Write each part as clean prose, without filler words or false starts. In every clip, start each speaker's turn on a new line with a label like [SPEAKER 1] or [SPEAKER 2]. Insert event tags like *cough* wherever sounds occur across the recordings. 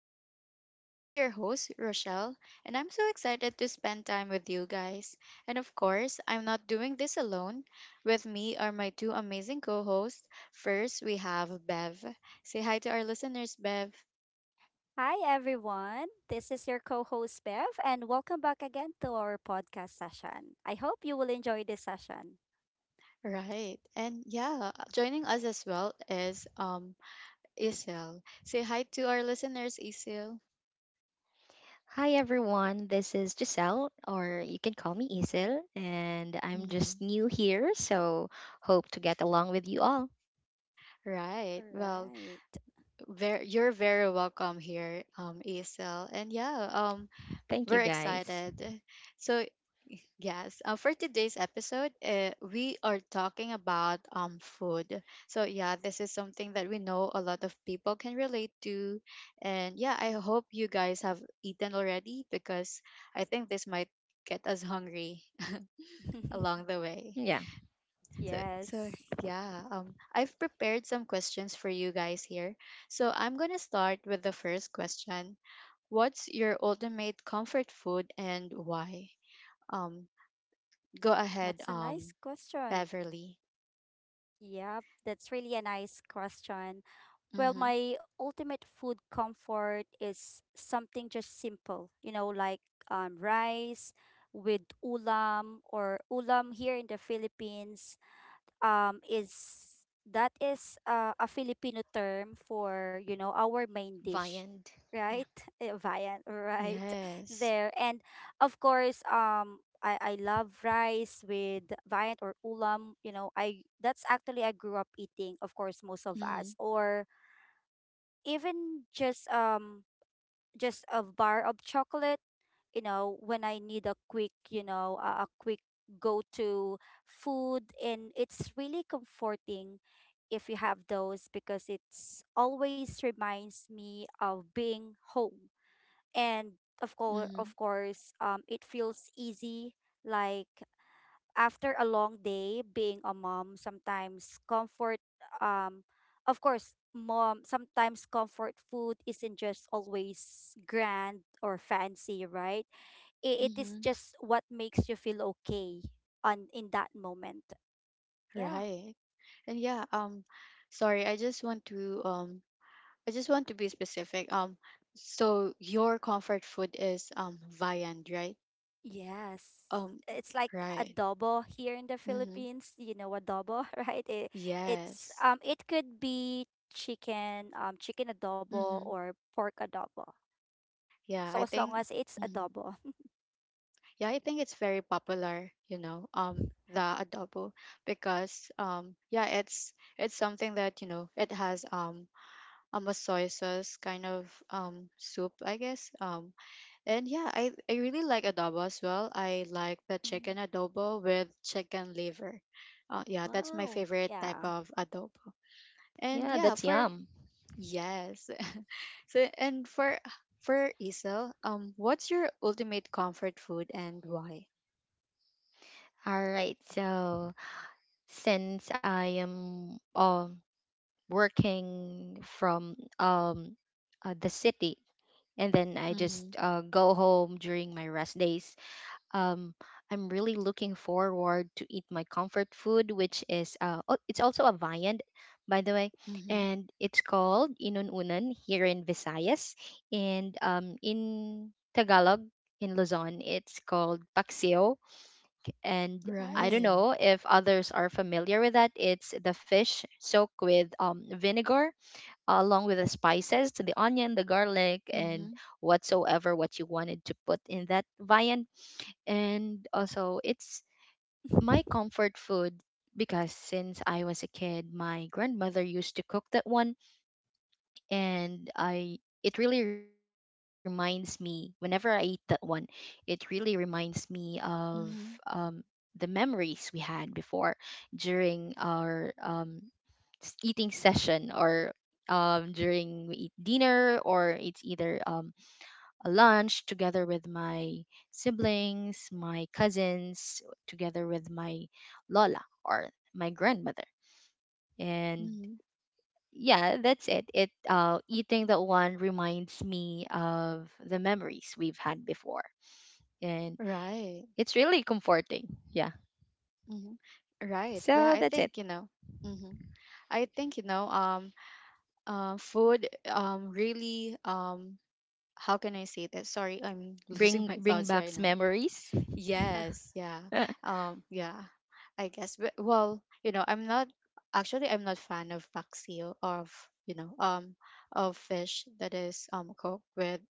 [SPEAKER 1] our talks. I'm your host, Rochelle, and I'm so excited to spend time with you guys. And of course, I'm not doing this alone. With me are my two amazing co hosts. First, we have Bev. Say hi to our listeners, Bev.
[SPEAKER 2] Hi, everyone. This is your co host, Bev, and welcome back again to our podcast session. I hope you will enjoy this session.
[SPEAKER 1] Right. And yeah, joining us as well is Isil. Say hi to our listeners, Isil.
[SPEAKER 3] Hi everyone, this is Giselle, or you can call me Isil, and I'm
[SPEAKER 1] Mm.
[SPEAKER 3] just new here, so hope to get along with you all.
[SPEAKER 1] Right.
[SPEAKER 2] All
[SPEAKER 1] Well,
[SPEAKER 2] right.
[SPEAKER 1] you're very welcome here, Isel. And
[SPEAKER 3] Thank you
[SPEAKER 1] we're
[SPEAKER 3] guys.
[SPEAKER 1] excited. So, yes, for today's episode, we are talking about food. So, yeah, this is something that we know a lot of people can relate to. And yeah, I hope you guys have eaten already because I think this might get us hungry *laughs*
[SPEAKER 2] *laughs*
[SPEAKER 1] along the way.
[SPEAKER 3] Yeah,
[SPEAKER 1] So
[SPEAKER 2] Yes,
[SPEAKER 1] yeah, I've prepared some questions for you guys here. So I'm gonna start with the first question. What's your ultimate comfort food and why? Um, go ahead,
[SPEAKER 2] that's a nice question.
[SPEAKER 1] Beverly.
[SPEAKER 2] Yep, that's really a nice question. Well,
[SPEAKER 1] Mm-hmm.
[SPEAKER 2] my ultimate food comfort is something just simple, you know, like rice with ulam, or ulam here in the Philippines. Is That is a Filipino term for our main dish,
[SPEAKER 3] viand. Yeah,
[SPEAKER 2] right. *laughs* Viand, right. *laughs*
[SPEAKER 1] Yes.
[SPEAKER 2] There, and of course, I love rice with viand or ulam. I That's actually, I grew up eating. Of course, most of
[SPEAKER 1] Mm-hmm.
[SPEAKER 2] us, or even just a bar of chocolate, when I need a quick, a quick go to food, and it's really comforting if you have those, because it's always reminds me of being home. And of course
[SPEAKER 1] Mm-hmm.
[SPEAKER 2] of course it feels easy. Like after a long day being a mom, sometimes comfort, um of course, mom sometimes comfort food isn't just always grand or fancy, right? It is
[SPEAKER 1] Mm-hmm.
[SPEAKER 2] just what makes you feel okay on in that moment. Yeah.
[SPEAKER 1] Right. And sorry, I just want to I just want to be specific. So your comfort food is viand, right?
[SPEAKER 2] Yes.
[SPEAKER 1] Um,
[SPEAKER 2] It's like
[SPEAKER 1] right.
[SPEAKER 2] adobo here in the
[SPEAKER 1] Mm-hmm.
[SPEAKER 2] Philippines. You know adobo, *laughs* right? It, it's
[SPEAKER 1] Yes.
[SPEAKER 2] um it could be chicken adobo
[SPEAKER 1] Mm-hmm.
[SPEAKER 2] or pork adobo.
[SPEAKER 1] Yeah,
[SPEAKER 2] So
[SPEAKER 1] I
[SPEAKER 2] as long
[SPEAKER 1] think
[SPEAKER 2] as it's
[SPEAKER 1] mhm.
[SPEAKER 2] adobo.
[SPEAKER 1] Yeah, I think it's very popular, you know, the adobo because yeah, it's something that, you know, it has a soy sauce kind of soup, I guess. And yeah, I really like adobo as well. I like the
[SPEAKER 2] *laughs*
[SPEAKER 1] chicken
[SPEAKER 2] Mm,
[SPEAKER 1] adobo with chicken liver. Yeah, that's my
[SPEAKER 2] wow.
[SPEAKER 1] favorite type
[SPEAKER 2] Yeah.
[SPEAKER 1] of adobo. And
[SPEAKER 3] yeah,
[SPEAKER 1] yeah,
[SPEAKER 3] that's
[SPEAKER 1] for
[SPEAKER 3] yum.
[SPEAKER 1] yes. *laughs* So, and for Isel, what's your ultimate comfort food and why?
[SPEAKER 3] All right, so since I am working from the city, and then I just
[SPEAKER 1] Mm-hmm.
[SPEAKER 3] go home during my rest days, um, I'm really looking forward to eat my comfort food, which is it's also a viand, by the way,
[SPEAKER 1] Mm-hmm.
[SPEAKER 3] and it's called inununan here in Visayas, and in Tagalog in Luzon, it's called paksiw, and I
[SPEAKER 2] Nice.
[SPEAKER 3] don't
[SPEAKER 1] Right.
[SPEAKER 3] know if others are familiar with that. It's the fish soaked with vinegar, along with the spices, the onion, the garlic,
[SPEAKER 1] Mm-hmm.
[SPEAKER 3] and whatsoever what you wanted to put in that viand, and also it's my
[SPEAKER 2] *laughs*
[SPEAKER 3] comfort food because since I was a kid, my grandmother used to cook that one, and I it really reminds me whenever I eat that one. It really reminds me of
[SPEAKER 1] Mm-hmm.
[SPEAKER 3] um, the memories we had before, during our eating session, or during we eat dinner, or it's either a lunch together with my siblings, my cousins, together with my lola or my grandmother. And
[SPEAKER 1] Mm-hmm.
[SPEAKER 3] yeah, that's it. It eating that one reminds me of the memories we've had before, and
[SPEAKER 1] Right.
[SPEAKER 3] it's really comforting. Yeah.
[SPEAKER 1] Mm-hmm. Right. Yeah,
[SPEAKER 3] So
[SPEAKER 1] I
[SPEAKER 3] that's it.
[SPEAKER 1] think, you know, mm-hmm. I think, you know, food, really, how can I say that? Sorry, I'm *laughs* losing
[SPEAKER 3] Bring
[SPEAKER 1] my
[SPEAKER 3] bring
[SPEAKER 1] thoughts
[SPEAKER 3] back
[SPEAKER 1] right now.
[SPEAKER 3] memories.
[SPEAKER 1] Yes, yeah.
[SPEAKER 3] *laughs*
[SPEAKER 1] Yeah. I guess. But well, you know, I'm not actually I'm not fan of paksiw of, you know, of fish that is cooked with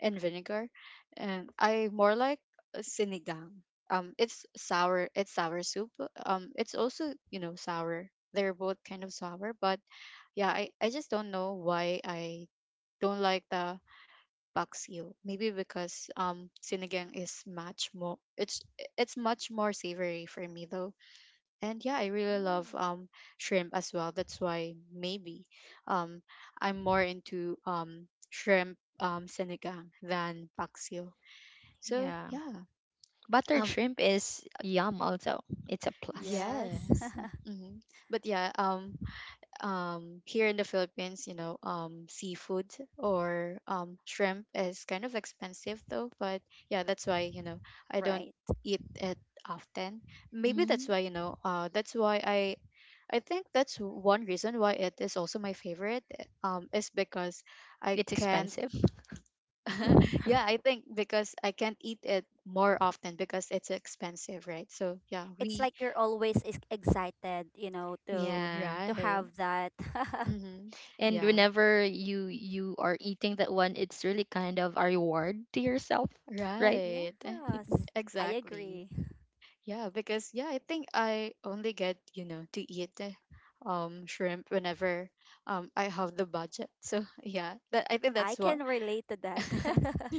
[SPEAKER 1] in vinegar. And I more like sinigang. It's sour soup. It's also, you know, sour. They're both kind of sour, but yeah, I just don't know why I don't like the bugs you. Maybe because sinigang is much more it's much more savory for me though. And yeah, I really love
[SPEAKER 2] Mm,
[SPEAKER 1] shrimp as well. That's why maybe um I'm more into shrimp sinigang than paksiw. So
[SPEAKER 3] Yeah.
[SPEAKER 1] yeah.
[SPEAKER 3] Buttered
[SPEAKER 1] Um,
[SPEAKER 3] shrimp is yum also. It's a plus.
[SPEAKER 2] yes.
[SPEAKER 1] yes. Hmm. But here in the Philippines, you know, seafood or shrimp is kind of expensive though, but yeah, that's why, you know, I don't
[SPEAKER 2] *laughs* Right.
[SPEAKER 1] eat it often. Maybe that's
[SPEAKER 3] Mm,
[SPEAKER 1] why, you know, that's why I think that's one reason why it is also my favorite is because I
[SPEAKER 3] it's
[SPEAKER 1] can't
[SPEAKER 3] expensive.
[SPEAKER 1] *laughs*
[SPEAKER 2] *laughs*
[SPEAKER 1] yeah, I think because I can't eat it more often because it's expensive, right? So yeah,
[SPEAKER 2] It's like you're always excited,
[SPEAKER 1] we
[SPEAKER 2] to
[SPEAKER 3] Yeah.
[SPEAKER 2] to
[SPEAKER 1] right.
[SPEAKER 2] have that. *laughs*
[SPEAKER 1] Mm-hmm.
[SPEAKER 3] And
[SPEAKER 1] Yeah.
[SPEAKER 3] whenever you are eating that one, it's really kind of a reward to yourself, right? *laughs*
[SPEAKER 1] Right.
[SPEAKER 2] Yes,
[SPEAKER 1] Mm,
[SPEAKER 2] I
[SPEAKER 1] exactly.
[SPEAKER 2] agree.
[SPEAKER 1] Yeah, because yeah, I think I only get, you know, to eat shrimp whenever I have the budget. *laughs* So yeah, that I think
[SPEAKER 2] I
[SPEAKER 1] that's what
[SPEAKER 2] can relate to that. *laughs*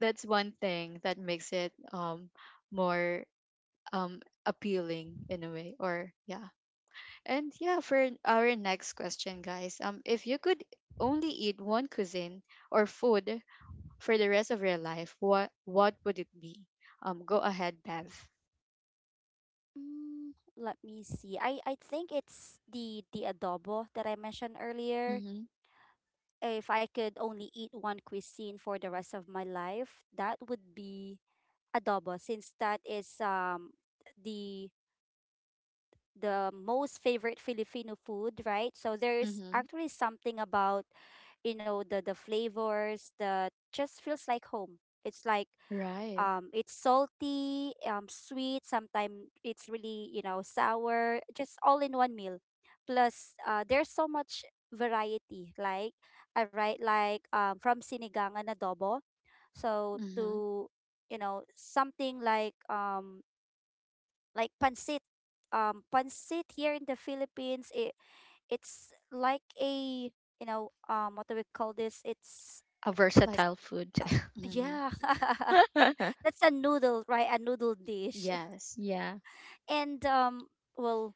[SPEAKER 1] that's one thing that makes it more um appealing in a way or yeah. And yeah, for our next question, guys, if you could only eat one cuisine or food for the rest of your life, what would it be? Go ahead, Bev.
[SPEAKER 2] Mm, let me see. I think it's the adobo that I mentioned earlier.
[SPEAKER 1] Mm-hmm.
[SPEAKER 2] If I could only eat one cuisine for the rest of my life, that would be adobo, since that is the the most favorite Filipino food, right? So there's
[SPEAKER 1] Mm-hmm.
[SPEAKER 2] actually something about, the flavors that just feels like home. It's like
[SPEAKER 1] Right.
[SPEAKER 2] it's salty, sweet, sometimes it's really, sour, just all in one meal. Plus, there's so much variety. Like, all right, like, from sinigang and adobo. So,
[SPEAKER 1] Mm-hmm.
[SPEAKER 2] something like, like pancit. Pancit here in the Philippines, it's like, a you know what do we call this? It's
[SPEAKER 3] A
[SPEAKER 1] Like,
[SPEAKER 3] versatile food.
[SPEAKER 1] mm-hmm.
[SPEAKER 2] Yeah, *laughs*
[SPEAKER 3] *laughs*
[SPEAKER 2] that's a noodle, right? A noodle dish.
[SPEAKER 1] Yes.
[SPEAKER 3] Yeah,
[SPEAKER 2] And well,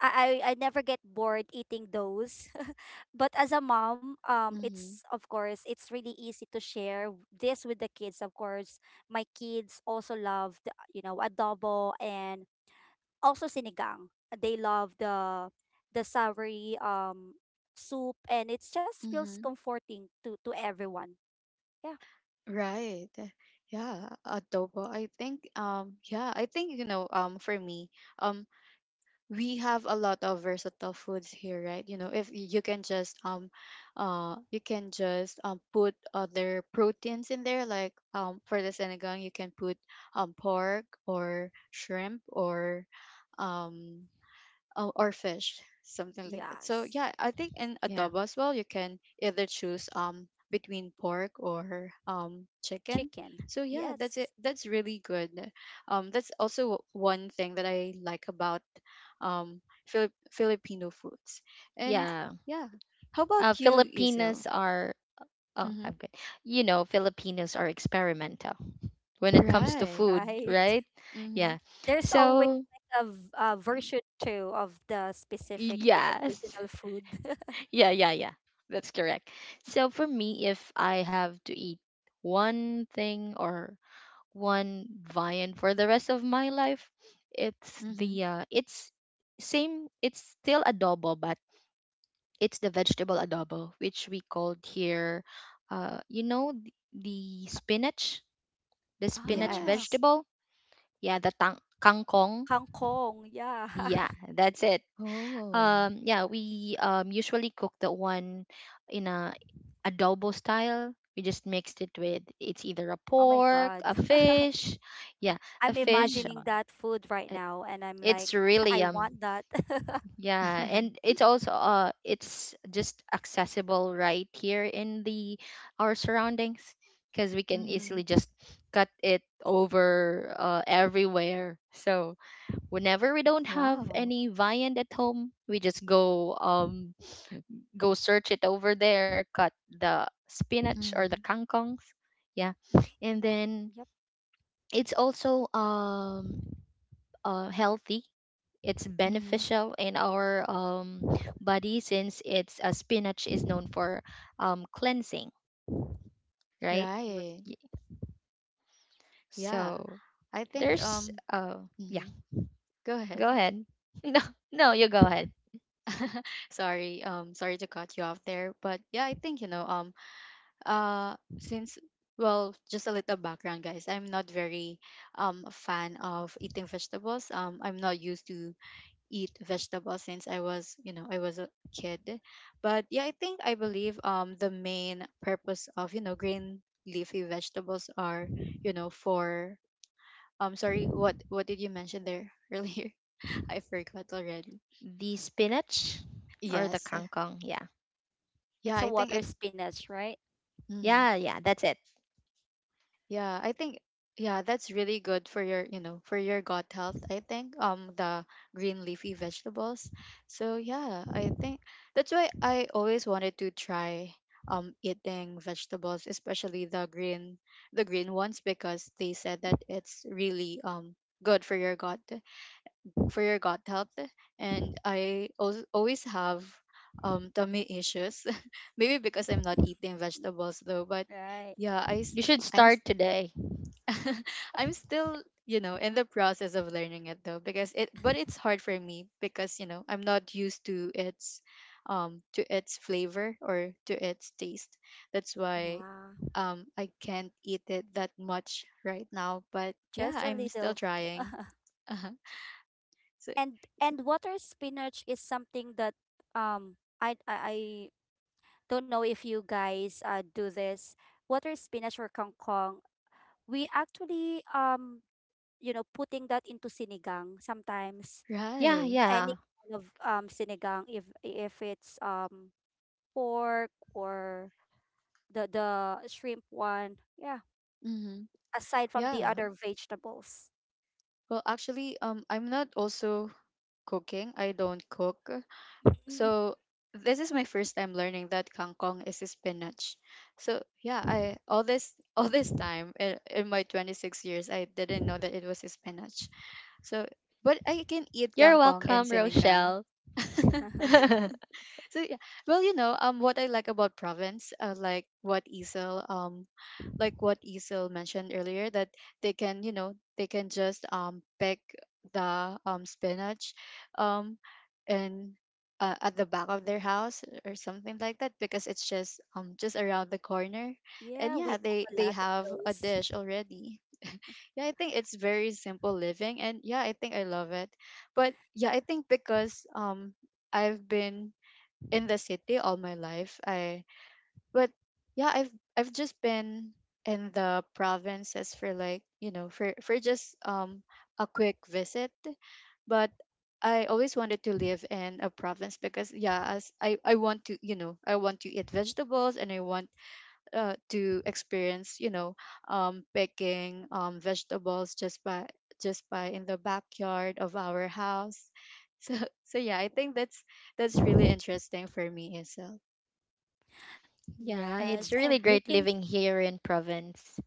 [SPEAKER 2] I never get bored eating those. *laughs* But as a mom,
[SPEAKER 1] Mm-hmm.
[SPEAKER 2] it's of course it's really easy to share this with the kids. Of course, my kids also love the, adobo, and also sinigang. They love the savory, soup, and it just feels
[SPEAKER 1] Mm-hmm.
[SPEAKER 2] comforting to everyone. Yeah.
[SPEAKER 1] Right. Yeah. Adobo. I think, yeah, I think, you know, for me, um, we have a lot of versatile foods here, right? You know, if you can just, you can just, put other proteins in there, like, for the sinigang, you can put, pork or shrimp um, or fish, something like that. So
[SPEAKER 2] Yes.
[SPEAKER 1] yeah, I think in
[SPEAKER 3] yeah,
[SPEAKER 1] adobo as well, you can either choose between pork or chicken.
[SPEAKER 2] Chicken.
[SPEAKER 1] So yeah, that's it.
[SPEAKER 2] Yes.
[SPEAKER 1] That's really good. That's also one thing that I like about Filipino foods. And
[SPEAKER 3] yeah.
[SPEAKER 1] yeah, how about you, Isil?
[SPEAKER 3] Filipinos are oh
[SPEAKER 1] Mm-hmm.
[SPEAKER 3] I'm good. You know, Filipinos are experimental when it comes to
[SPEAKER 2] *laughs*
[SPEAKER 1] Right.
[SPEAKER 3] food,
[SPEAKER 2] Right.
[SPEAKER 3] right?
[SPEAKER 1] Mm-hmm.
[SPEAKER 3] Yeah.
[SPEAKER 2] There's always
[SPEAKER 3] So
[SPEAKER 2] like a version two of the specific or the
[SPEAKER 3] yes.
[SPEAKER 2] original food.
[SPEAKER 3] *laughs* Yeah, yeah, yeah, that's correct. So for me, if I have to eat one thing or one vine for the rest of my life, it's
[SPEAKER 1] Mm-hmm.
[SPEAKER 3] the it's same. It's still adobo, but it's the vegetable adobo, which we called here. You know, the
[SPEAKER 2] *laughs*
[SPEAKER 3] spinach
[SPEAKER 2] Ah,
[SPEAKER 1] Yes.
[SPEAKER 3] vegetable. Yeah, the tang kangkong.
[SPEAKER 2] kangkong. Yeah.
[SPEAKER 3] Yeah,
[SPEAKER 2] *laughs*
[SPEAKER 3] that's it.
[SPEAKER 1] Oh.
[SPEAKER 3] Yeah, we usually cook that one in a adobo style. We just mixed it with, it's either a
[SPEAKER 2] Oh my
[SPEAKER 3] pork,
[SPEAKER 2] god.
[SPEAKER 3] a
[SPEAKER 2] *laughs*
[SPEAKER 3] fish, yeah, a
[SPEAKER 2] I'm
[SPEAKER 3] fish
[SPEAKER 2] imagining
[SPEAKER 1] Mm.
[SPEAKER 2] that food right
[SPEAKER 3] uh,
[SPEAKER 2] now, and I'm like,
[SPEAKER 3] it's
[SPEAKER 2] *laughs* I
[SPEAKER 3] really
[SPEAKER 2] want that. *laughs*
[SPEAKER 3] yeah,
[SPEAKER 1] *laughs*
[SPEAKER 3] and it's also it's just accessible right here in the our surroundings, because we can
[SPEAKER 1] mm-hmm.
[SPEAKER 3] easily just cut it over everywhere. So whenever we don't have
[SPEAKER 1] Wow.
[SPEAKER 3] any viand at home, we just go search it over there, cut the spinach or the
[SPEAKER 1] Mm-hmm.
[SPEAKER 3] kangkongs. Yeah. And then
[SPEAKER 2] Yep.
[SPEAKER 3] it's also healthy. It's beneficial in our body, since it's spinach is known for cleansing, right?
[SPEAKER 1] Right.
[SPEAKER 3] Y-
[SPEAKER 1] Yeah.
[SPEAKER 3] So
[SPEAKER 1] I think
[SPEAKER 3] there's yeah,
[SPEAKER 1] mhm. Go ahead.
[SPEAKER 3] go ahead. *laughs* No, no, you go ahead.
[SPEAKER 1] *laughs* Sorry. Sorry to cut you off there, but yeah, I think you know uh since well, just a little background guys. I'm not very a fan of eating vegetables. I'm not used to eat vegetables since I was, you know, I was a kid. But yeah, I think I believe the main purpose of, you know, green leafy vegetables are, you know, for I'm sorry, what did you mention there *laughs* earlier? I forgot already.
[SPEAKER 3] The spinach or the
[SPEAKER 1] Yes.
[SPEAKER 3] kangkong, yeah.
[SPEAKER 1] Yeah,
[SPEAKER 2] It's a
[SPEAKER 1] I think
[SPEAKER 2] water
[SPEAKER 1] it's
[SPEAKER 2] spinach, right?
[SPEAKER 1] mhm.
[SPEAKER 3] Yeah, yeah, that's it.
[SPEAKER 1] Yeah, I think yeah, that's really good for your, you know, for your gut health, I think. The green leafy vegetables. So yeah, I think that's why I always wanted to try eating vegetables, especially the green ones because they said that it's really good for your gut. For your gut health and I al always have tummy issues *laughs* maybe because I'm not
[SPEAKER 2] *laughs*
[SPEAKER 1] eating vegetables though but
[SPEAKER 2] Right.
[SPEAKER 1] yeah I s-
[SPEAKER 3] You should
[SPEAKER 1] I'm s-
[SPEAKER 3] start today.
[SPEAKER 1] *laughs*
[SPEAKER 2] And
[SPEAKER 1] I'm still you know in the process of learning it though because it but it's hard for me because you know I'm not used to its flavor or to its taste that's why
[SPEAKER 2] yeah,
[SPEAKER 1] I can't eat it that much right now but yeah
[SPEAKER 2] just a
[SPEAKER 1] I'm still
[SPEAKER 2] little.
[SPEAKER 1] trying
[SPEAKER 2] *laughs*
[SPEAKER 1] *laughs* uh-huh. So
[SPEAKER 2] and and water spinach is something that, um I don't know if you guys, do this. Water spinach or kangkong, we actually, putting that into sinigang sometimes,
[SPEAKER 3] Yeah,
[SPEAKER 1] right.
[SPEAKER 2] any
[SPEAKER 3] yeah.
[SPEAKER 2] kind of sinigang, if it's pork, or the shrimp one. Yeah.
[SPEAKER 1] Mm-hmm.
[SPEAKER 2] Aside from the
[SPEAKER 1] Yeah.
[SPEAKER 2] other vegetables.
[SPEAKER 1] Well, actually, I'm not also cooking. I don't cook.
[SPEAKER 2] Mm.
[SPEAKER 1] So this is my first time learning that kangkong is spinach. So yeah, I all this *laughs* all this time in my 26 years, I didn't know that it was spinach. So, but I can eat
[SPEAKER 3] You're
[SPEAKER 1] kangkong and
[SPEAKER 3] welcome,
[SPEAKER 1] sinigang.
[SPEAKER 3] Rochelle.
[SPEAKER 1] *laughs*
[SPEAKER 2] *laughs*
[SPEAKER 3] *laughs*
[SPEAKER 1] So yeah, well, you know, what I like about province, like what Isil mentioned earlier, that they can, you know, they can just pick the spinach um and at the back of their house or something like that because it's just around the corner
[SPEAKER 2] Yeah,
[SPEAKER 1] and
[SPEAKER 2] we
[SPEAKER 1] yeah
[SPEAKER 2] have a
[SPEAKER 1] they
[SPEAKER 2] lot of
[SPEAKER 1] have a
[SPEAKER 2] those.
[SPEAKER 1] dish already. *laughs* Yeah I think it's very simple living and yeah I think I love it but yeah I think because I've been in the city all my life I but yeah, I've just been in the provinces for like, you know, for just a quick visit. But I always wanted to live in a province because yeah, as I want to, you know, I want to eat vegetables and I want to experience, you know, picking vegetables just by in the backyard of our house. *laughs* So yeah, I think that's really interesting for me itself.
[SPEAKER 3] Yeah,
[SPEAKER 1] Mm-hmm.
[SPEAKER 2] Yes,
[SPEAKER 3] it's
[SPEAKER 2] and
[SPEAKER 3] really great
[SPEAKER 2] looking,
[SPEAKER 3] living here in province.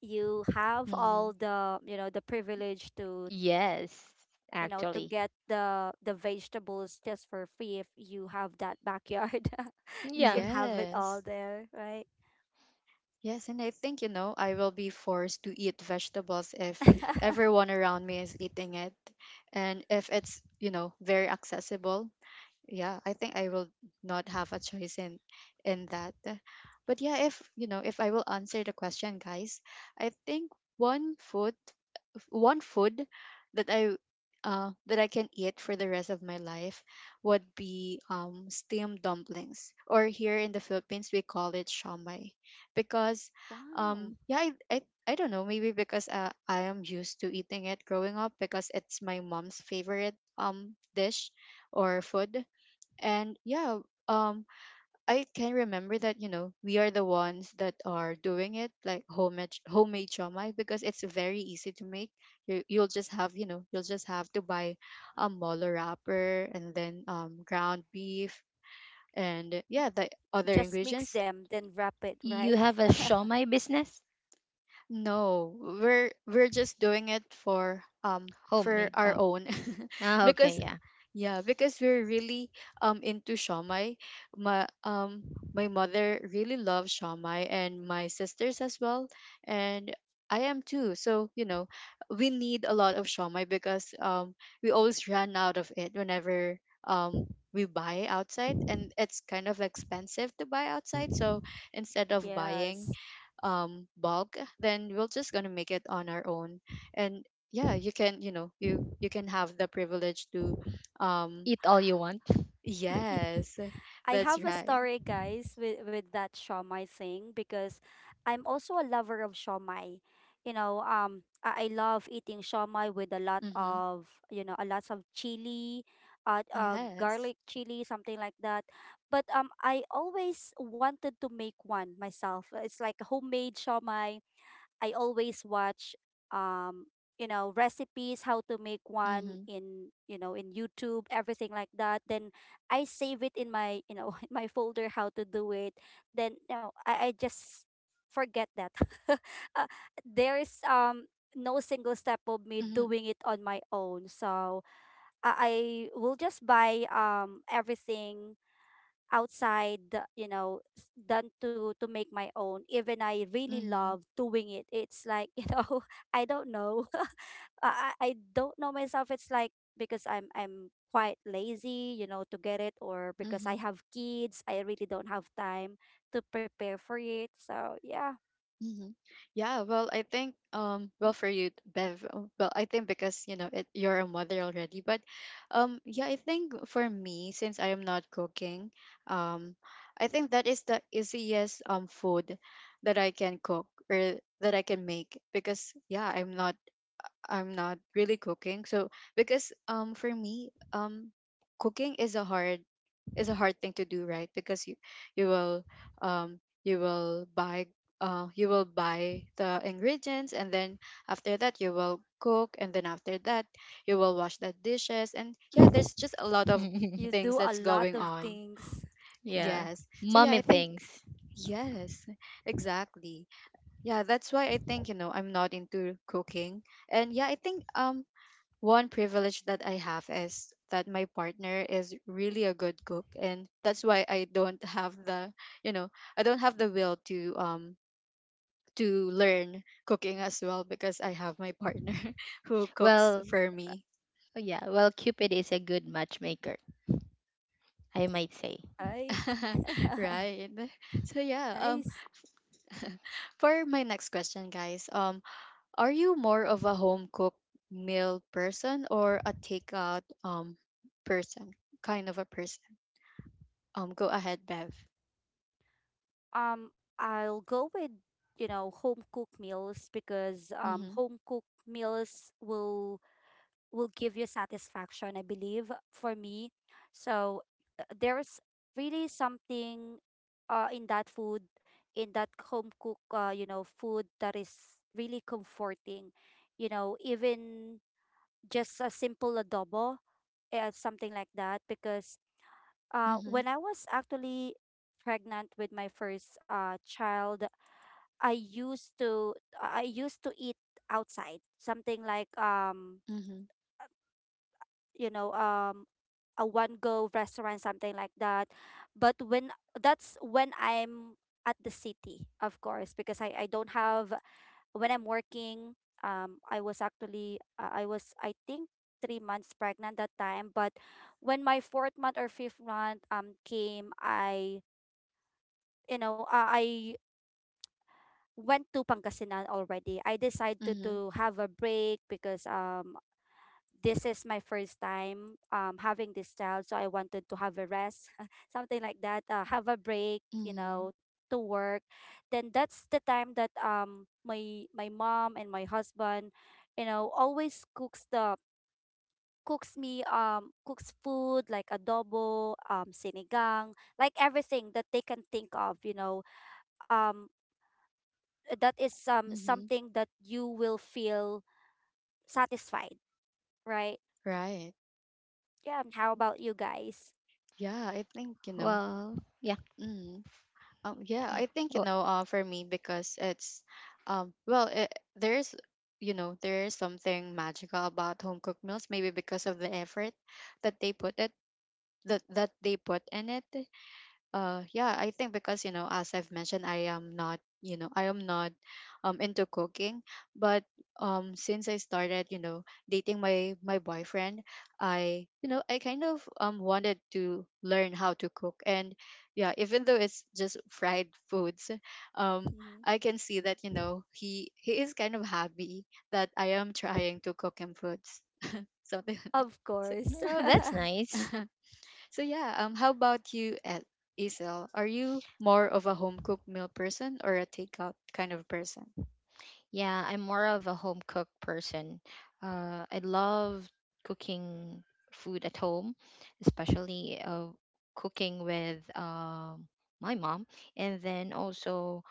[SPEAKER 2] you have all
[SPEAKER 1] Mm-hmm.
[SPEAKER 2] the, privilege, to,
[SPEAKER 3] Yes,
[SPEAKER 2] you know, to
[SPEAKER 3] actually.
[SPEAKER 2] get the vegetables just for free if you have that backyard. *laughs* You
[SPEAKER 3] Yeah.
[SPEAKER 2] can have it all
[SPEAKER 1] Yes.
[SPEAKER 2] there, right?
[SPEAKER 1] Yes, and I think, you know, I will be forced to eat vegetables if
[SPEAKER 2] *laughs*
[SPEAKER 1] everyone around me is eating it. And if it's, you know, very accessible, yeah, I think I will not have a choice in that. But yeah, if, you know, if I will answer the question, guys, I think one food one food that I that I can eat for the rest of my life would be steamed dumplings, or here in the Philippines we call it shamai, because
[SPEAKER 2] Wow.
[SPEAKER 1] um, yeah, I, I I don't know maybe because I am used to eating it growing up because it's my mom's favorite dish or food, and um I can remember that you know we are the ones that are doing it like homemade chomai because it's very easy to make. You'll just have you know you'll just have to buy a molo wrapper and then ground beef and yeah the other
[SPEAKER 2] Just mix
[SPEAKER 1] ingredients.
[SPEAKER 2] them, then wrap it, right?
[SPEAKER 3] You have a shawmai business?
[SPEAKER 1] No, we're just doing it for
[SPEAKER 3] Homemade.
[SPEAKER 1] our
[SPEAKER 3] Oh,
[SPEAKER 1] own *laughs*
[SPEAKER 3] ah,
[SPEAKER 1] because
[SPEAKER 3] okay, yeah.
[SPEAKER 1] yeah, because we're really into shawmai. My um my mother really loves shawmai and my sisters as well and I am too. So, you know, we need a lot of shawmai because we always run out of it whenever um we buy outside and it's kind of expensive to buy outside. So, instead of
[SPEAKER 2] Yes.
[SPEAKER 1] buying bulk then we're just going to make it on our own and yeah you can you know you can have the privilege to um
[SPEAKER 3] Eat all you want.
[SPEAKER 2] *laughs*
[SPEAKER 1] yes
[SPEAKER 2] I
[SPEAKER 1] that's
[SPEAKER 2] have a
[SPEAKER 1] right
[SPEAKER 2] story, guys, with that shawmai thing, because I'm also a lover of shawmai. You know, I love eating shawmai with
[SPEAKER 1] mhm
[SPEAKER 2] a lots of chili,
[SPEAKER 1] yes
[SPEAKER 2] garlic chili, something like that. But I always wanted to make one myself. It's like a homemade shawmai. I always watch, um recipes how to make one
[SPEAKER 1] mhm
[SPEAKER 2] in YouTube, everything like that. Then I save it in my, *laughs* in my folder, how to do it. Then I just forget that. *laughs* uh, there is, no single step of me
[SPEAKER 1] mhm
[SPEAKER 2] doing it on my own, so I will just buy, everything outside, than to make my own. Even I really
[SPEAKER 1] mhm
[SPEAKER 2] love doing it. It's like, *laughs* I don't know. *laughs* I don't know myself. It's like, because I'm quite lazy, to get it, or because I
[SPEAKER 1] mhm
[SPEAKER 2] have kids, I really don't have time to prepare for it, so yeah.
[SPEAKER 1] hmm. Yeah, well, I think well for you, Bev. Well, I think because you know it, you're a mother already, but yeah, I think for me since I am not cooking, um I think that is the easiest food that I can cook or that I can make because yeah, I'm not really cooking. So because for me cooking is a hard thing to do, right? Because you will um you will buy you will buy the ingredients, and then after that you will cook, and then after that you will wash the dishes, and yeah, there's just a lot of
[SPEAKER 2] You
[SPEAKER 3] *laughs*
[SPEAKER 1] things
[SPEAKER 2] do a
[SPEAKER 1] that's
[SPEAKER 2] lot
[SPEAKER 1] going
[SPEAKER 2] of
[SPEAKER 1] on. *laughs*
[SPEAKER 2] things.
[SPEAKER 3] Yeah.
[SPEAKER 1] Yes. So yeah,
[SPEAKER 3] Mommy
[SPEAKER 1] I think
[SPEAKER 3] things.
[SPEAKER 1] yes, exactly. Yeah, that's why I think, you know, I'm not into cooking. And yeah, I think one privilege that I have is that my partner is really a good cook, and that's why I don't have the you know I don't have the will to learn cooking as well because I have my partner *laughs* who cooks
[SPEAKER 3] Well,
[SPEAKER 1] for me.
[SPEAKER 3] yeah. Well, Cupid is a good matchmaker, I might say.
[SPEAKER 2] Right.
[SPEAKER 1] *laughs*
[SPEAKER 2] *laughs*
[SPEAKER 1] Right. So yeah,
[SPEAKER 2] Nice.
[SPEAKER 1] *laughs* for my next question, guys, are you more of a home cooked meal person or a takeout person kind of a person? Um, go ahead, Bev.
[SPEAKER 2] I'll go with, home cooked meals, because
[SPEAKER 1] Mm-hmm.
[SPEAKER 2] home cooked meals will give you satisfaction, I believe, for me. So, there's really something, in that food, in that home cook, food that is really comforting. You know, even just a simple adobo, something like that. Because,
[SPEAKER 1] Mhm,
[SPEAKER 2] when I was actually pregnant with my first, child, I used to I used to eat outside, something like,
[SPEAKER 1] mhm,
[SPEAKER 2] you know um a one go restaurant, something like that. But when That's when I'm at the city, of course, because I don't have, when I'm working, I was actually, I was, I think, 3 months pregnant, that time. But when my fourth month or fifth month came, I you know I went to Pangasinan already. I decided to,
[SPEAKER 1] mhm,
[SPEAKER 2] to have a break, because this is my first time, having this child, so I wanted to have a rest. *laughs* Something like that, have a break,
[SPEAKER 1] mhm,
[SPEAKER 2] to work. Then that's the time that, my mom and my husband, always cooks the cooks me cooks food like adobo, sinigang, like everything that they can think of, um that is,
[SPEAKER 1] mhm.
[SPEAKER 2] something that you will feel satisfied, right?
[SPEAKER 1] Right.
[SPEAKER 2] Yeah. How about you guys?
[SPEAKER 1] Yeah, I think, you know.
[SPEAKER 3] Well, yeah.
[SPEAKER 1] Mm. Yeah,
[SPEAKER 3] eh,
[SPEAKER 1] I think, you
[SPEAKER 3] Oh,
[SPEAKER 1] know, for me because it's well, there's there's something magical about home cooked meals, maybe because of the effort that they put it that they put in it. Yeah, I think because, you know, as I've mentioned, I am not, you know, I am not into cooking, but since I started, you know, dating my boyfriend, I, you know, I kind of wanted to learn how to cook. And yeah, even though it's just fried foods, um
[SPEAKER 2] Mm-hmm.
[SPEAKER 1] I can see that, you know, he is kind of happy that I am trying to cook him foods, something *laughs* like
[SPEAKER 2] Of
[SPEAKER 1] so.
[SPEAKER 2] course.
[SPEAKER 3] oh, that's
[SPEAKER 2] *laughs*
[SPEAKER 3] nice.
[SPEAKER 1] *laughs* So yeah, how about you, at Isel? Are you more of a home cooked meal person or a takeout kind of person?
[SPEAKER 3] Yeah, I'm more of a home cook person. I love cooking food at home, especially cooking with my mom, and then also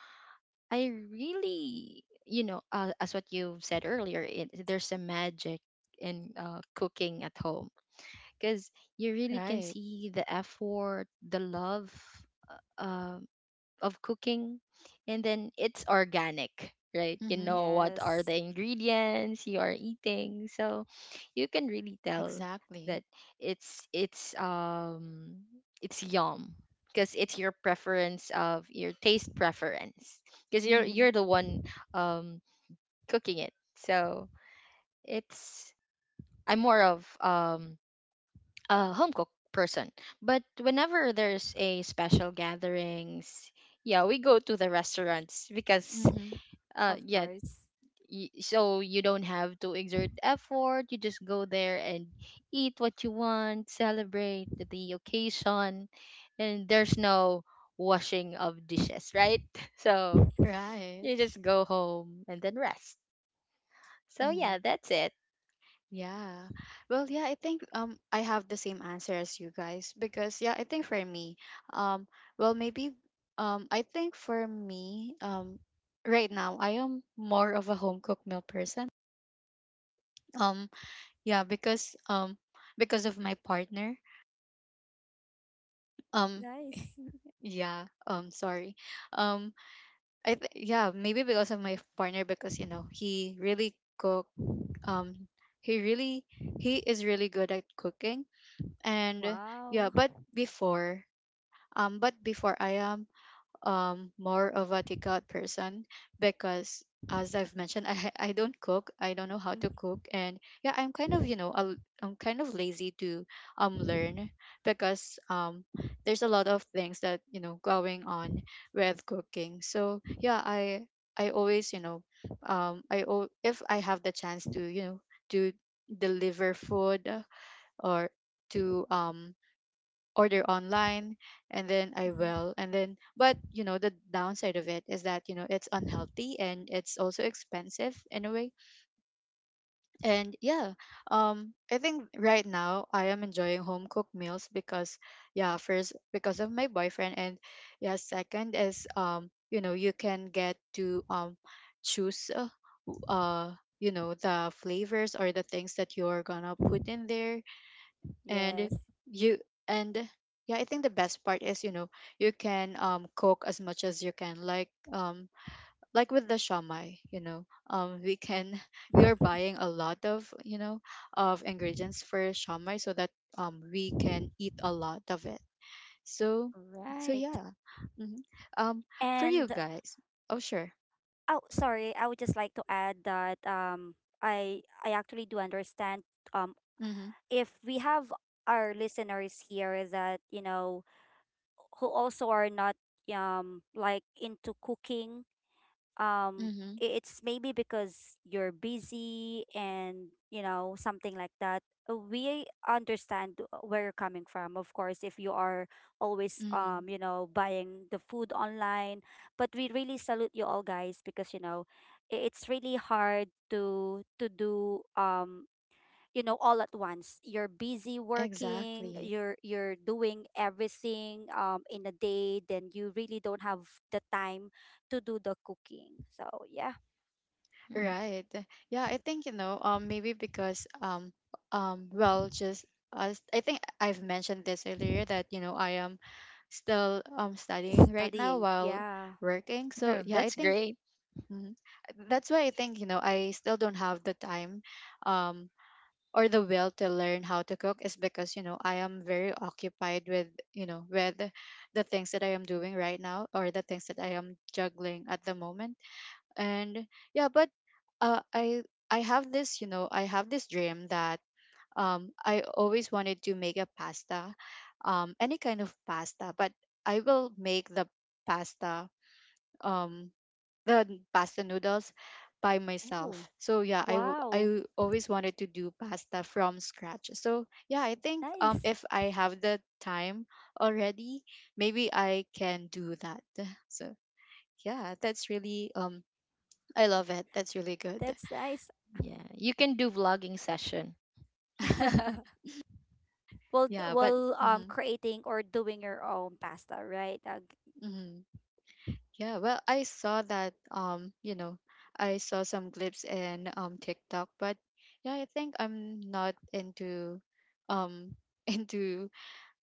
[SPEAKER 3] I really, you know, as what you've said earlier, it, there's a magic in cooking at home, because you really can
[SPEAKER 1] Right.
[SPEAKER 3] see the effort, the love, um, of cooking, and then it's organic, right? You
[SPEAKER 1] Mm-hmm.
[SPEAKER 3] know what are
[SPEAKER 2] Yes,
[SPEAKER 3] the ingredients you are eating, so you can really tell
[SPEAKER 1] Exactly.
[SPEAKER 3] that it's it's um it's yum because it's your preference, of your taste preference, because
[SPEAKER 1] Mm-hmm.
[SPEAKER 3] you're the one um cooking it. So it's, I'm more of a home cook person. But whenever there's a special gatherings, yeah, we go to the restaurants because
[SPEAKER 1] Mm-hmm.
[SPEAKER 2] of
[SPEAKER 3] yeah,
[SPEAKER 2] course.
[SPEAKER 3] so you don't have to exert effort. You just go there and eat what you want, celebrate the occasion, and there's no washing of dishes, right? *laughs* So
[SPEAKER 1] Right.
[SPEAKER 3] you just go home and then rest. So
[SPEAKER 1] Mm-hmm.
[SPEAKER 3] yeah, that's it.
[SPEAKER 1] Yeah. Well, yeah, I think I have the same answer as you guys, because yeah, I think for me, um well, maybe I think for me, right now I am more of a home cooked meal person. Um yeah, because of my partner. Um,
[SPEAKER 2] Nice.
[SPEAKER 1] *laughs* yeah. Sorry. Um, yeah, maybe because of my partner, because you know he really cook. Um, he really he is really good at cooking, and yeah.
[SPEAKER 2] Wow.
[SPEAKER 1] But before I am more of a takeout person because as I've mentioned, *laughs* I don't cook. I don't know how to
[SPEAKER 2] Mm-hmm.
[SPEAKER 1] cook, and yeah, I'm kind of, you know, I am kind of lazy to learn because there's a lot of things that, you know, going on with cooking. So yeah, I always, you know, if I have the chance to, you know, to deliver food or to order online, and then I
[SPEAKER 2] Mm-hmm.
[SPEAKER 1] will, and then, but you know, the downside of it is that, you know, it's unhealthy, and it's also expensive in a way. And yeah, I think right now I am enjoying home cooked meals because yeah, first, because of my boyfriend, and yeah, second is, you know, you can get to choose w- uh you know, the flavors or the things that you're gonna put in there. And
[SPEAKER 2] Yes.
[SPEAKER 1] you and yeah, I think the best part is, you know, you can cook as much as you can, like with the shamai, you know, we can *laughs* we are buying a lot of, you know, of ingredients for shamai so that we can eat a lot of it, so. So
[SPEAKER 2] Right.
[SPEAKER 1] yeah. Hmm. Um, for you
[SPEAKER 2] And
[SPEAKER 1] guys. Oh, sure.
[SPEAKER 2] oh, sorry, I would just like to add that, I actually do understand,
[SPEAKER 1] Mm-hmm.
[SPEAKER 2] if we have our listeners here that, who also are not, like, into cooking, um
[SPEAKER 1] Mm-hmm.
[SPEAKER 2] it's maybe because you're busy, and something like that. We understand where you're coming from, of course, if you are always,
[SPEAKER 1] Hmm.
[SPEAKER 2] buying the food online. But we really salute you all, guys, because it's really hard to do, all at once. You're busy working,
[SPEAKER 1] Exactly.
[SPEAKER 2] you're doing everything, in a day. Then you really don't have the time to do the cooking, so yeah.
[SPEAKER 3] Mm.
[SPEAKER 1] Right. Yeah, I think, you know, maybe because well, just as I think I've mentioned this earlier that, you know, I am still studying right now
[SPEAKER 2] Studying,
[SPEAKER 1] while
[SPEAKER 2] yeah.
[SPEAKER 1] working. So
[SPEAKER 3] No,
[SPEAKER 1] yeah, I
[SPEAKER 3] that's
[SPEAKER 1] think
[SPEAKER 3] great.
[SPEAKER 1] mm, that's why I think, you know, I still don't have the time um or the will to learn how to cook, is because, you know, I am very occupied with, you know, with the things that I am doing right now, or the things that I am juggling at the moment. And yeah, but I have this, you know, I have this dream that I always wanted to make a pasta, any kind of pasta, but I will make the pasta, um the pasta noodles by
[SPEAKER 2] Oh,
[SPEAKER 1] myself. So yeah, I
[SPEAKER 2] wow,
[SPEAKER 1] always wanted to do pasta from scratch. So yeah, I think
[SPEAKER 2] nice.
[SPEAKER 1] if I have the time already, maybe I can do that. *laughs* So yeah, that's really I love it. That's really good.
[SPEAKER 2] That's nice.
[SPEAKER 3] Yeah, you can do vlogging session.
[SPEAKER 2] *laughs*
[SPEAKER 1] *laughs*
[SPEAKER 2] well d-
[SPEAKER 1] Yeah, but
[SPEAKER 2] well um
[SPEAKER 1] mhm,
[SPEAKER 2] creating or doing your own pasta, right?
[SPEAKER 1] mhm. Yeah, well, I saw that. You know, I saw some clips in TikTok, but yeah, I think I'm not into um *laughs* into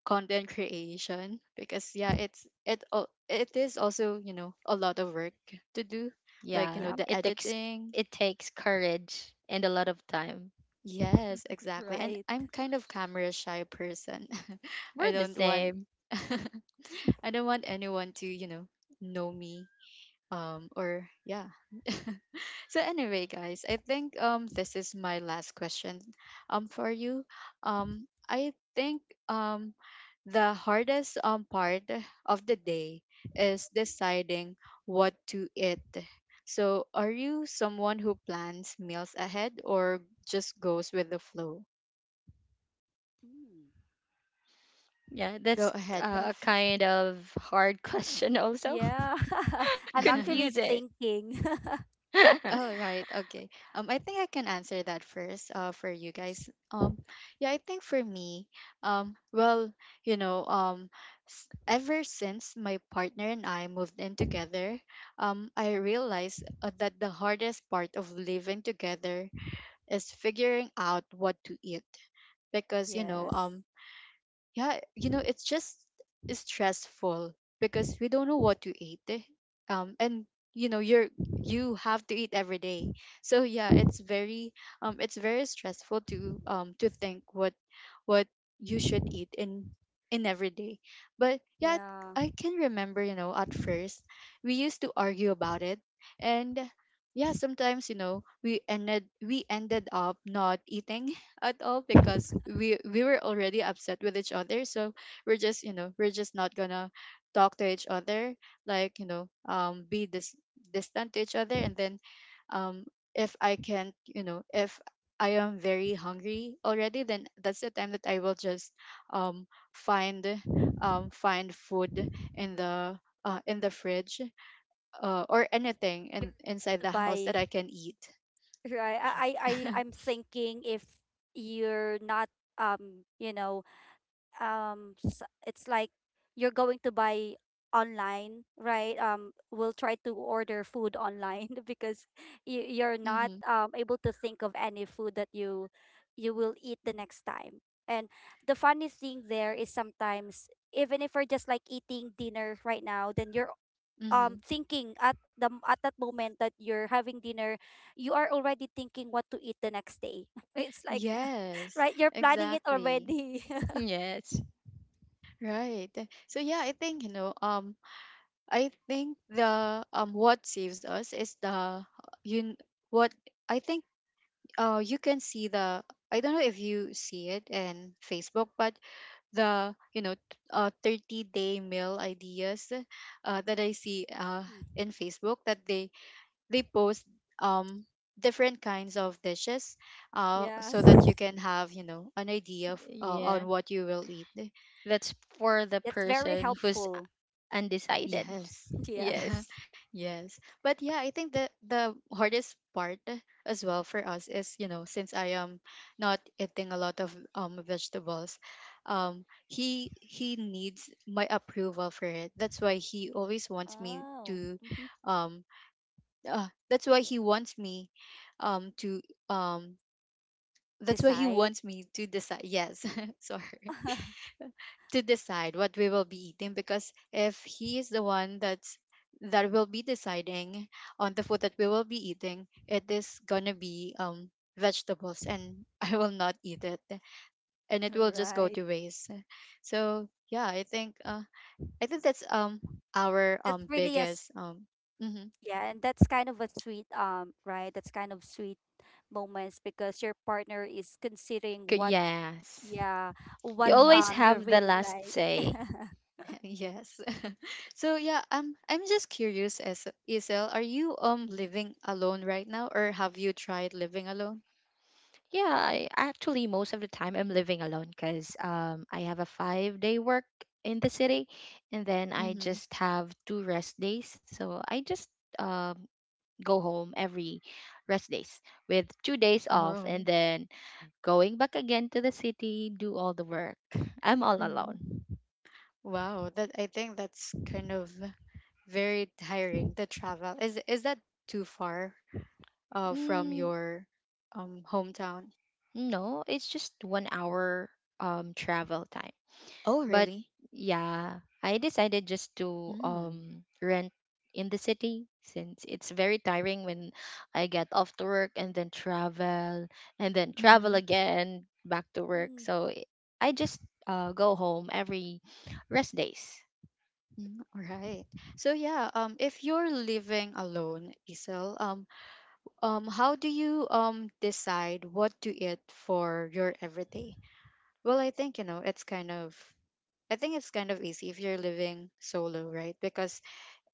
[SPEAKER 1] content creation because yeah, it is also, you know, a lot of work to do,
[SPEAKER 3] Yeah,
[SPEAKER 1] like, you know,
[SPEAKER 2] Yeah.
[SPEAKER 1] the
[SPEAKER 3] it
[SPEAKER 1] editing.
[SPEAKER 3] takes courage and a lot of time.
[SPEAKER 1] Yes,
[SPEAKER 2] *laughs*
[SPEAKER 1] exactly. And
[SPEAKER 2] Right.
[SPEAKER 1] I'm kind of camera shy person. *laughs*
[SPEAKER 3] We're
[SPEAKER 1] I
[SPEAKER 3] the
[SPEAKER 1] don't want
[SPEAKER 3] same.
[SPEAKER 1] *laughs* I don't want anyone to, you know me or yeah. *laughs* So anyway, guys, I think this is my last question for you. I think um the hardest part of the day is deciding what to eat. So are you someone who plans meals ahead or just goes with the flow?
[SPEAKER 2] Mm.
[SPEAKER 3] Yeah,
[SPEAKER 1] Go
[SPEAKER 3] that's
[SPEAKER 1] ahead,
[SPEAKER 3] a
[SPEAKER 2] I
[SPEAKER 1] Beth.
[SPEAKER 3] kind of hard *laughs* question also.
[SPEAKER 2] Yeah.
[SPEAKER 3] *laughs*
[SPEAKER 2] *laughs* I'm actually
[SPEAKER 1] *laughs*
[SPEAKER 3] Confusing.
[SPEAKER 2] thinking. *laughs*
[SPEAKER 1] Oh,
[SPEAKER 3] *laughs*
[SPEAKER 1] right. Okay. I think I can answer that first, for you guys. Yeah, I think for me, well, you know, ever since my partner and I moved in together, I realized that the hardest part of living together is figuring out what to eat because, you know,
[SPEAKER 2] Yes.
[SPEAKER 1] yeah, you know, it's just stressful because we don't know what to eat. Eh. And you know, you have to eat every day. So yeah, it's very stressful to think what you should eat in every day. But yeah,
[SPEAKER 2] Yeah.
[SPEAKER 1] I can remember, you know, at first we used to argue about it, and yeah, sometimes, you know, we ended up not eating at all because we were already upset with each other, so we're just, you know, we're just not gonna talk to each other, like, you know, be this distant to each other, and then um if I can't, you know, if I am very hungry already, then that's the time that I will just um find find food in the in the fridge, or anything in, inside
[SPEAKER 2] To
[SPEAKER 1] the house
[SPEAKER 2] buy.
[SPEAKER 1] that I can eat. *laughs*
[SPEAKER 2] Right. I'm thinking, if you're not, um, you know, it's like you're going to buy online, right? We'll try to order food online, *laughs* because you're not,
[SPEAKER 1] Mm-hmm.
[SPEAKER 2] able to think of any food that you will eat the next time. And the funny thing there is, sometimes, even if we're just like eating dinner right now, then you're,
[SPEAKER 1] Mm-hmm.
[SPEAKER 2] thinking at the at that moment, that you're having dinner, you are already thinking what to eat the next day. *laughs* It's like,
[SPEAKER 1] Yes,
[SPEAKER 2] right, you're planning it
[SPEAKER 1] exactly.
[SPEAKER 2] already.
[SPEAKER 3] Yes.
[SPEAKER 1] Right. So yeah, I think, you know, I think the what saves us is the you what I think you can see the I don't know if you see it in Facebook, but the, you know, 30-day day meal ideas that I see in
[SPEAKER 2] *laughs*
[SPEAKER 1] Facebook, that they post um different kinds of dishes
[SPEAKER 2] Yes.
[SPEAKER 1] so that you can have, you know, an idea of,
[SPEAKER 3] Yeah.
[SPEAKER 1] on what you will eat.
[SPEAKER 3] That's for the
[SPEAKER 2] That's very
[SPEAKER 3] person who's
[SPEAKER 2] helpful.
[SPEAKER 3] undecided.
[SPEAKER 1] Yes.
[SPEAKER 2] Yeah.
[SPEAKER 3] Yes.
[SPEAKER 1] *laughs* Yes. But yeah, I think that the hardest part as well for us is, you know, since I am not eating a lot of vegetables, he needs my approval for it. That's why he always wants me
[SPEAKER 2] Oh.
[SPEAKER 1] to
[SPEAKER 2] Hmm.
[SPEAKER 1] um that's why he wants me to um that's why he
[SPEAKER 2] Decide.
[SPEAKER 1] wants me to decide yes. *laughs* Sorry,
[SPEAKER 2] *laughs*
[SPEAKER 1] to decide what we will be eating, because if he is the one that's that will be deciding on the food that we will be eating, it is gonna be vegetables, and *laughs* I will not eat it, and it will just go
[SPEAKER 2] Right.
[SPEAKER 1] to waste. So yeah, I think I think that's our
[SPEAKER 2] That's really,
[SPEAKER 1] biggest um. Mm-hmm,
[SPEAKER 2] yeah, and that's kind of a sweet, right. That's kind of sweet moments, because your partner is considering what,
[SPEAKER 3] Yes.
[SPEAKER 2] yeah,
[SPEAKER 3] You
[SPEAKER 2] what,
[SPEAKER 1] mm-hmm.
[SPEAKER 3] always
[SPEAKER 2] you
[SPEAKER 3] have the
[SPEAKER 2] really
[SPEAKER 3] last
[SPEAKER 2] like. *laughs*
[SPEAKER 3] say.
[SPEAKER 1] Yes. *laughs* So yeah, I'm just curious, as ESL, are you living alone right now, or have you tried living alone?
[SPEAKER 3] Yeah, I actually most of the time I'm living alone, because I have a 5 day work in the city, and then I
[SPEAKER 1] Mm-hmm.
[SPEAKER 3] just have two rest days. So I just um go home every rest days with 2 days off, and
[SPEAKER 1] Oh.
[SPEAKER 3] then going back again to the city, do all the work. *laughs* I'm all
[SPEAKER 1] Mm-hmm.
[SPEAKER 3] alone.
[SPEAKER 1] Wow. That I think that's kind of very tiring. The travel is that too far from
[SPEAKER 3] Mm,
[SPEAKER 1] your hometown?
[SPEAKER 3] no, it's just 1 hour travel time.
[SPEAKER 1] Oh,
[SPEAKER 3] But
[SPEAKER 1] really?
[SPEAKER 3] yeah, I decided just to
[SPEAKER 1] Mm.
[SPEAKER 3] rent in the city, since it's very tiring when I get off to work and then travel
[SPEAKER 1] Mm-hmm.
[SPEAKER 3] again back to work.
[SPEAKER 2] Mm,
[SPEAKER 3] So I just go home every rest days.
[SPEAKER 1] Mm, all right. So yeah, if you're living alone, Isel, um, how do you decide what to eat for your everyday? Well, I think, you know, it's kind of I think it's kind of easy if you're living solo, right? Because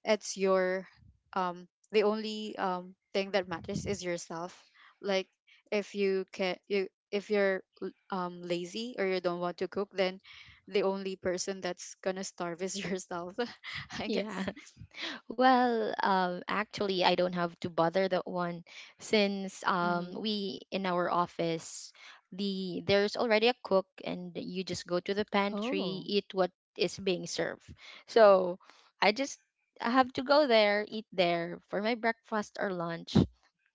[SPEAKER 1] it's your the only thing that matters is yourself. Like if you can you if you're lazy or you don't want to cook, then the only person that's gonna starve is *laughs* yourself, *laughs* I
[SPEAKER 3] *laughs* Yeah.
[SPEAKER 1] guess.
[SPEAKER 3] Well, actually, I don't have to bother that one, since
[SPEAKER 1] Mm-hmm.
[SPEAKER 3] we in our office, there's already a cook, and you just go to the pantry,
[SPEAKER 1] Oh.
[SPEAKER 3] eat what is being served. So I just I have to go there, eat there for my breakfast or lunch,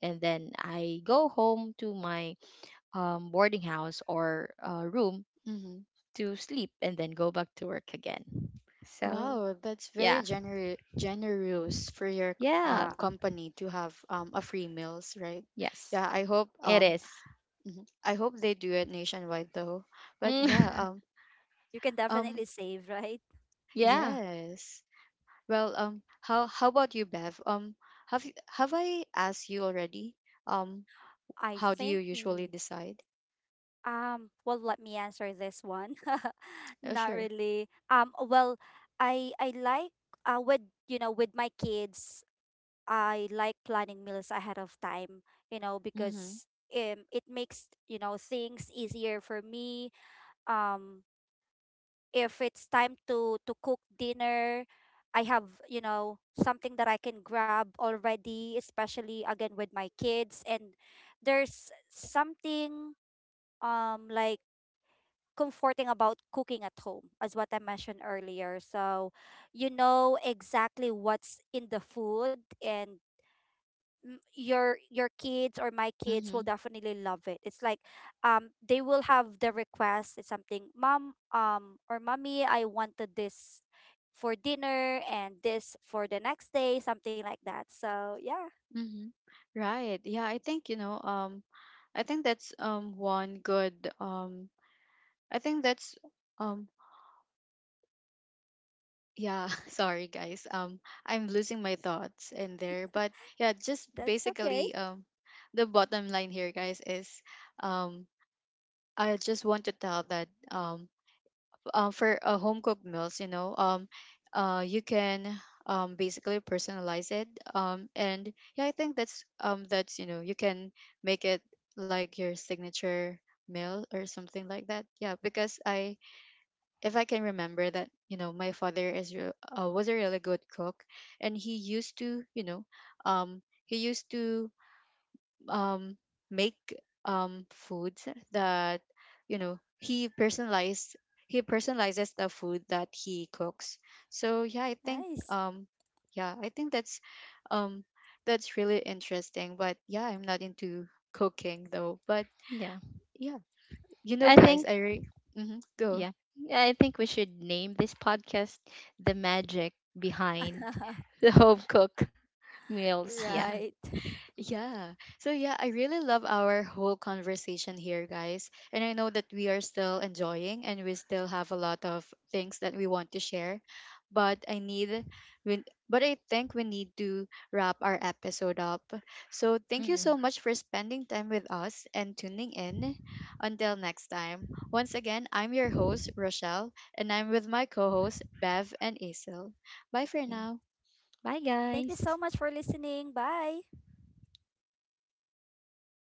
[SPEAKER 3] and then I go home to my boarding house or room to sleep, and then go back to work again. So
[SPEAKER 1] Wow, that's very
[SPEAKER 3] yeah,
[SPEAKER 1] generous for your
[SPEAKER 3] yeah,
[SPEAKER 2] yeah,
[SPEAKER 1] company to have a free meals, right?
[SPEAKER 3] yes,
[SPEAKER 1] Yeah, I hope
[SPEAKER 3] it is.
[SPEAKER 1] mhm. I hope they do it nationwide though. But
[SPEAKER 3] Mm.
[SPEAKER 1] yeah,
[SPEAKER 3] *laughs*
[SPEAKER 2] you can
[SPEAKER 1] um
[SPEAKER 2] definitely save, right.
[SPEAKER 3] Yeah,
[SPEAKER 1] yes. Well, how about you, Bev? Um, have you, have I asked you already? Um,
[SPEAKER 2] I
[SPEAKER 1] how do you
[SPEAKER 2] think,
[SPEAKER 1] usually decide?
[SPEAKER 2] well, let me answer this one. *laughs*
[SPEAKER 1] Oh,
[SPEAKER 2] Not
[SPEAKER 1] sure.
[SPEAKER 2] really. Well, I like, with you know with my kids, I like planning meals ahead of time,
[SPEAKER 1] Mhm.
[SPEAKER 2] because it makes, things easier for me. Um if it's time to cook dinner, I have, something that I can grab already, especially again with my kids. And there's something, like, comforting about cooking at home, as what I mentioned earlier. So, you know exactly what's in the food, and your kids, or my kids, will
[SPEAKER 1] Mhm.
[SPEAKER 2] definitely love it. It's like, they will have the request: it's something, mom, or mommy, I wanted this for dinner and this for the next day, something like that. So yeah,
[SPEAKER 1] Mhm. Right. Yeah, I think, you know, I think that's one good I think that's um yeah, *laughs* sorry guys. I'm losing my thoughts in there, but yeah, just
[SPEAKER 2] that's okay.
[SPEAKER 1] basically the bottom line here guys is um I just want to tell that for home cooked meals, you know, you can basically personalize it, and yeah, I think that's that's, you know, you can make it like your signature meal or something like that. Yeah, because I, if I can remember that, you know, my father was a really good cook, and he used to, you know, he used to um make foods that, you know, he personalizes the food that he cooks. So
[SPEAKER 2] Nice.
[SPEAKER 1] yeah, I think um that's really interesting. But yeah, I'm not into cooking though. But
[SPEAKER 3] yeah.
[SPEAKER 1] yeah, you know,
[SPEAKER 3] I
[SPEAKER 1] guys,
[SPEAKER 3] think,
[SPEAKER 1] hmm, go.
[SPEAKER 3] yeah, I think we should name this podcast "The Magic Behind *laughs* the Home Cook *laughs* Meals." Yeah.
[SPEAKER 1] *laughs*
[SPEAKER 2] Right. *laughs*
[SPEAKER 1] Yeah. So yeah, I really love our whole conversation here, guys. And I know that we are still enjoying, and we still have a lot of things that we want to share. But I need but I think we need to wrap our episode up. So thank you
[SPEAKER 3] Mm.
[SPEAKER 1] so much for spending time with us and tuning in. Until next time. Once again, I'm your host, Rochelle, and I'm with my co-hosts Bev and Isel. Bye for
[SPEAKER 3] Yeah.
[SPEAKER 1] now.
[SPEAKER 3] Bye,
[SPEAKER 2] Thank you
[SPEAKER 3] guys.
[SPEAKER 2] so much for listening. Bye.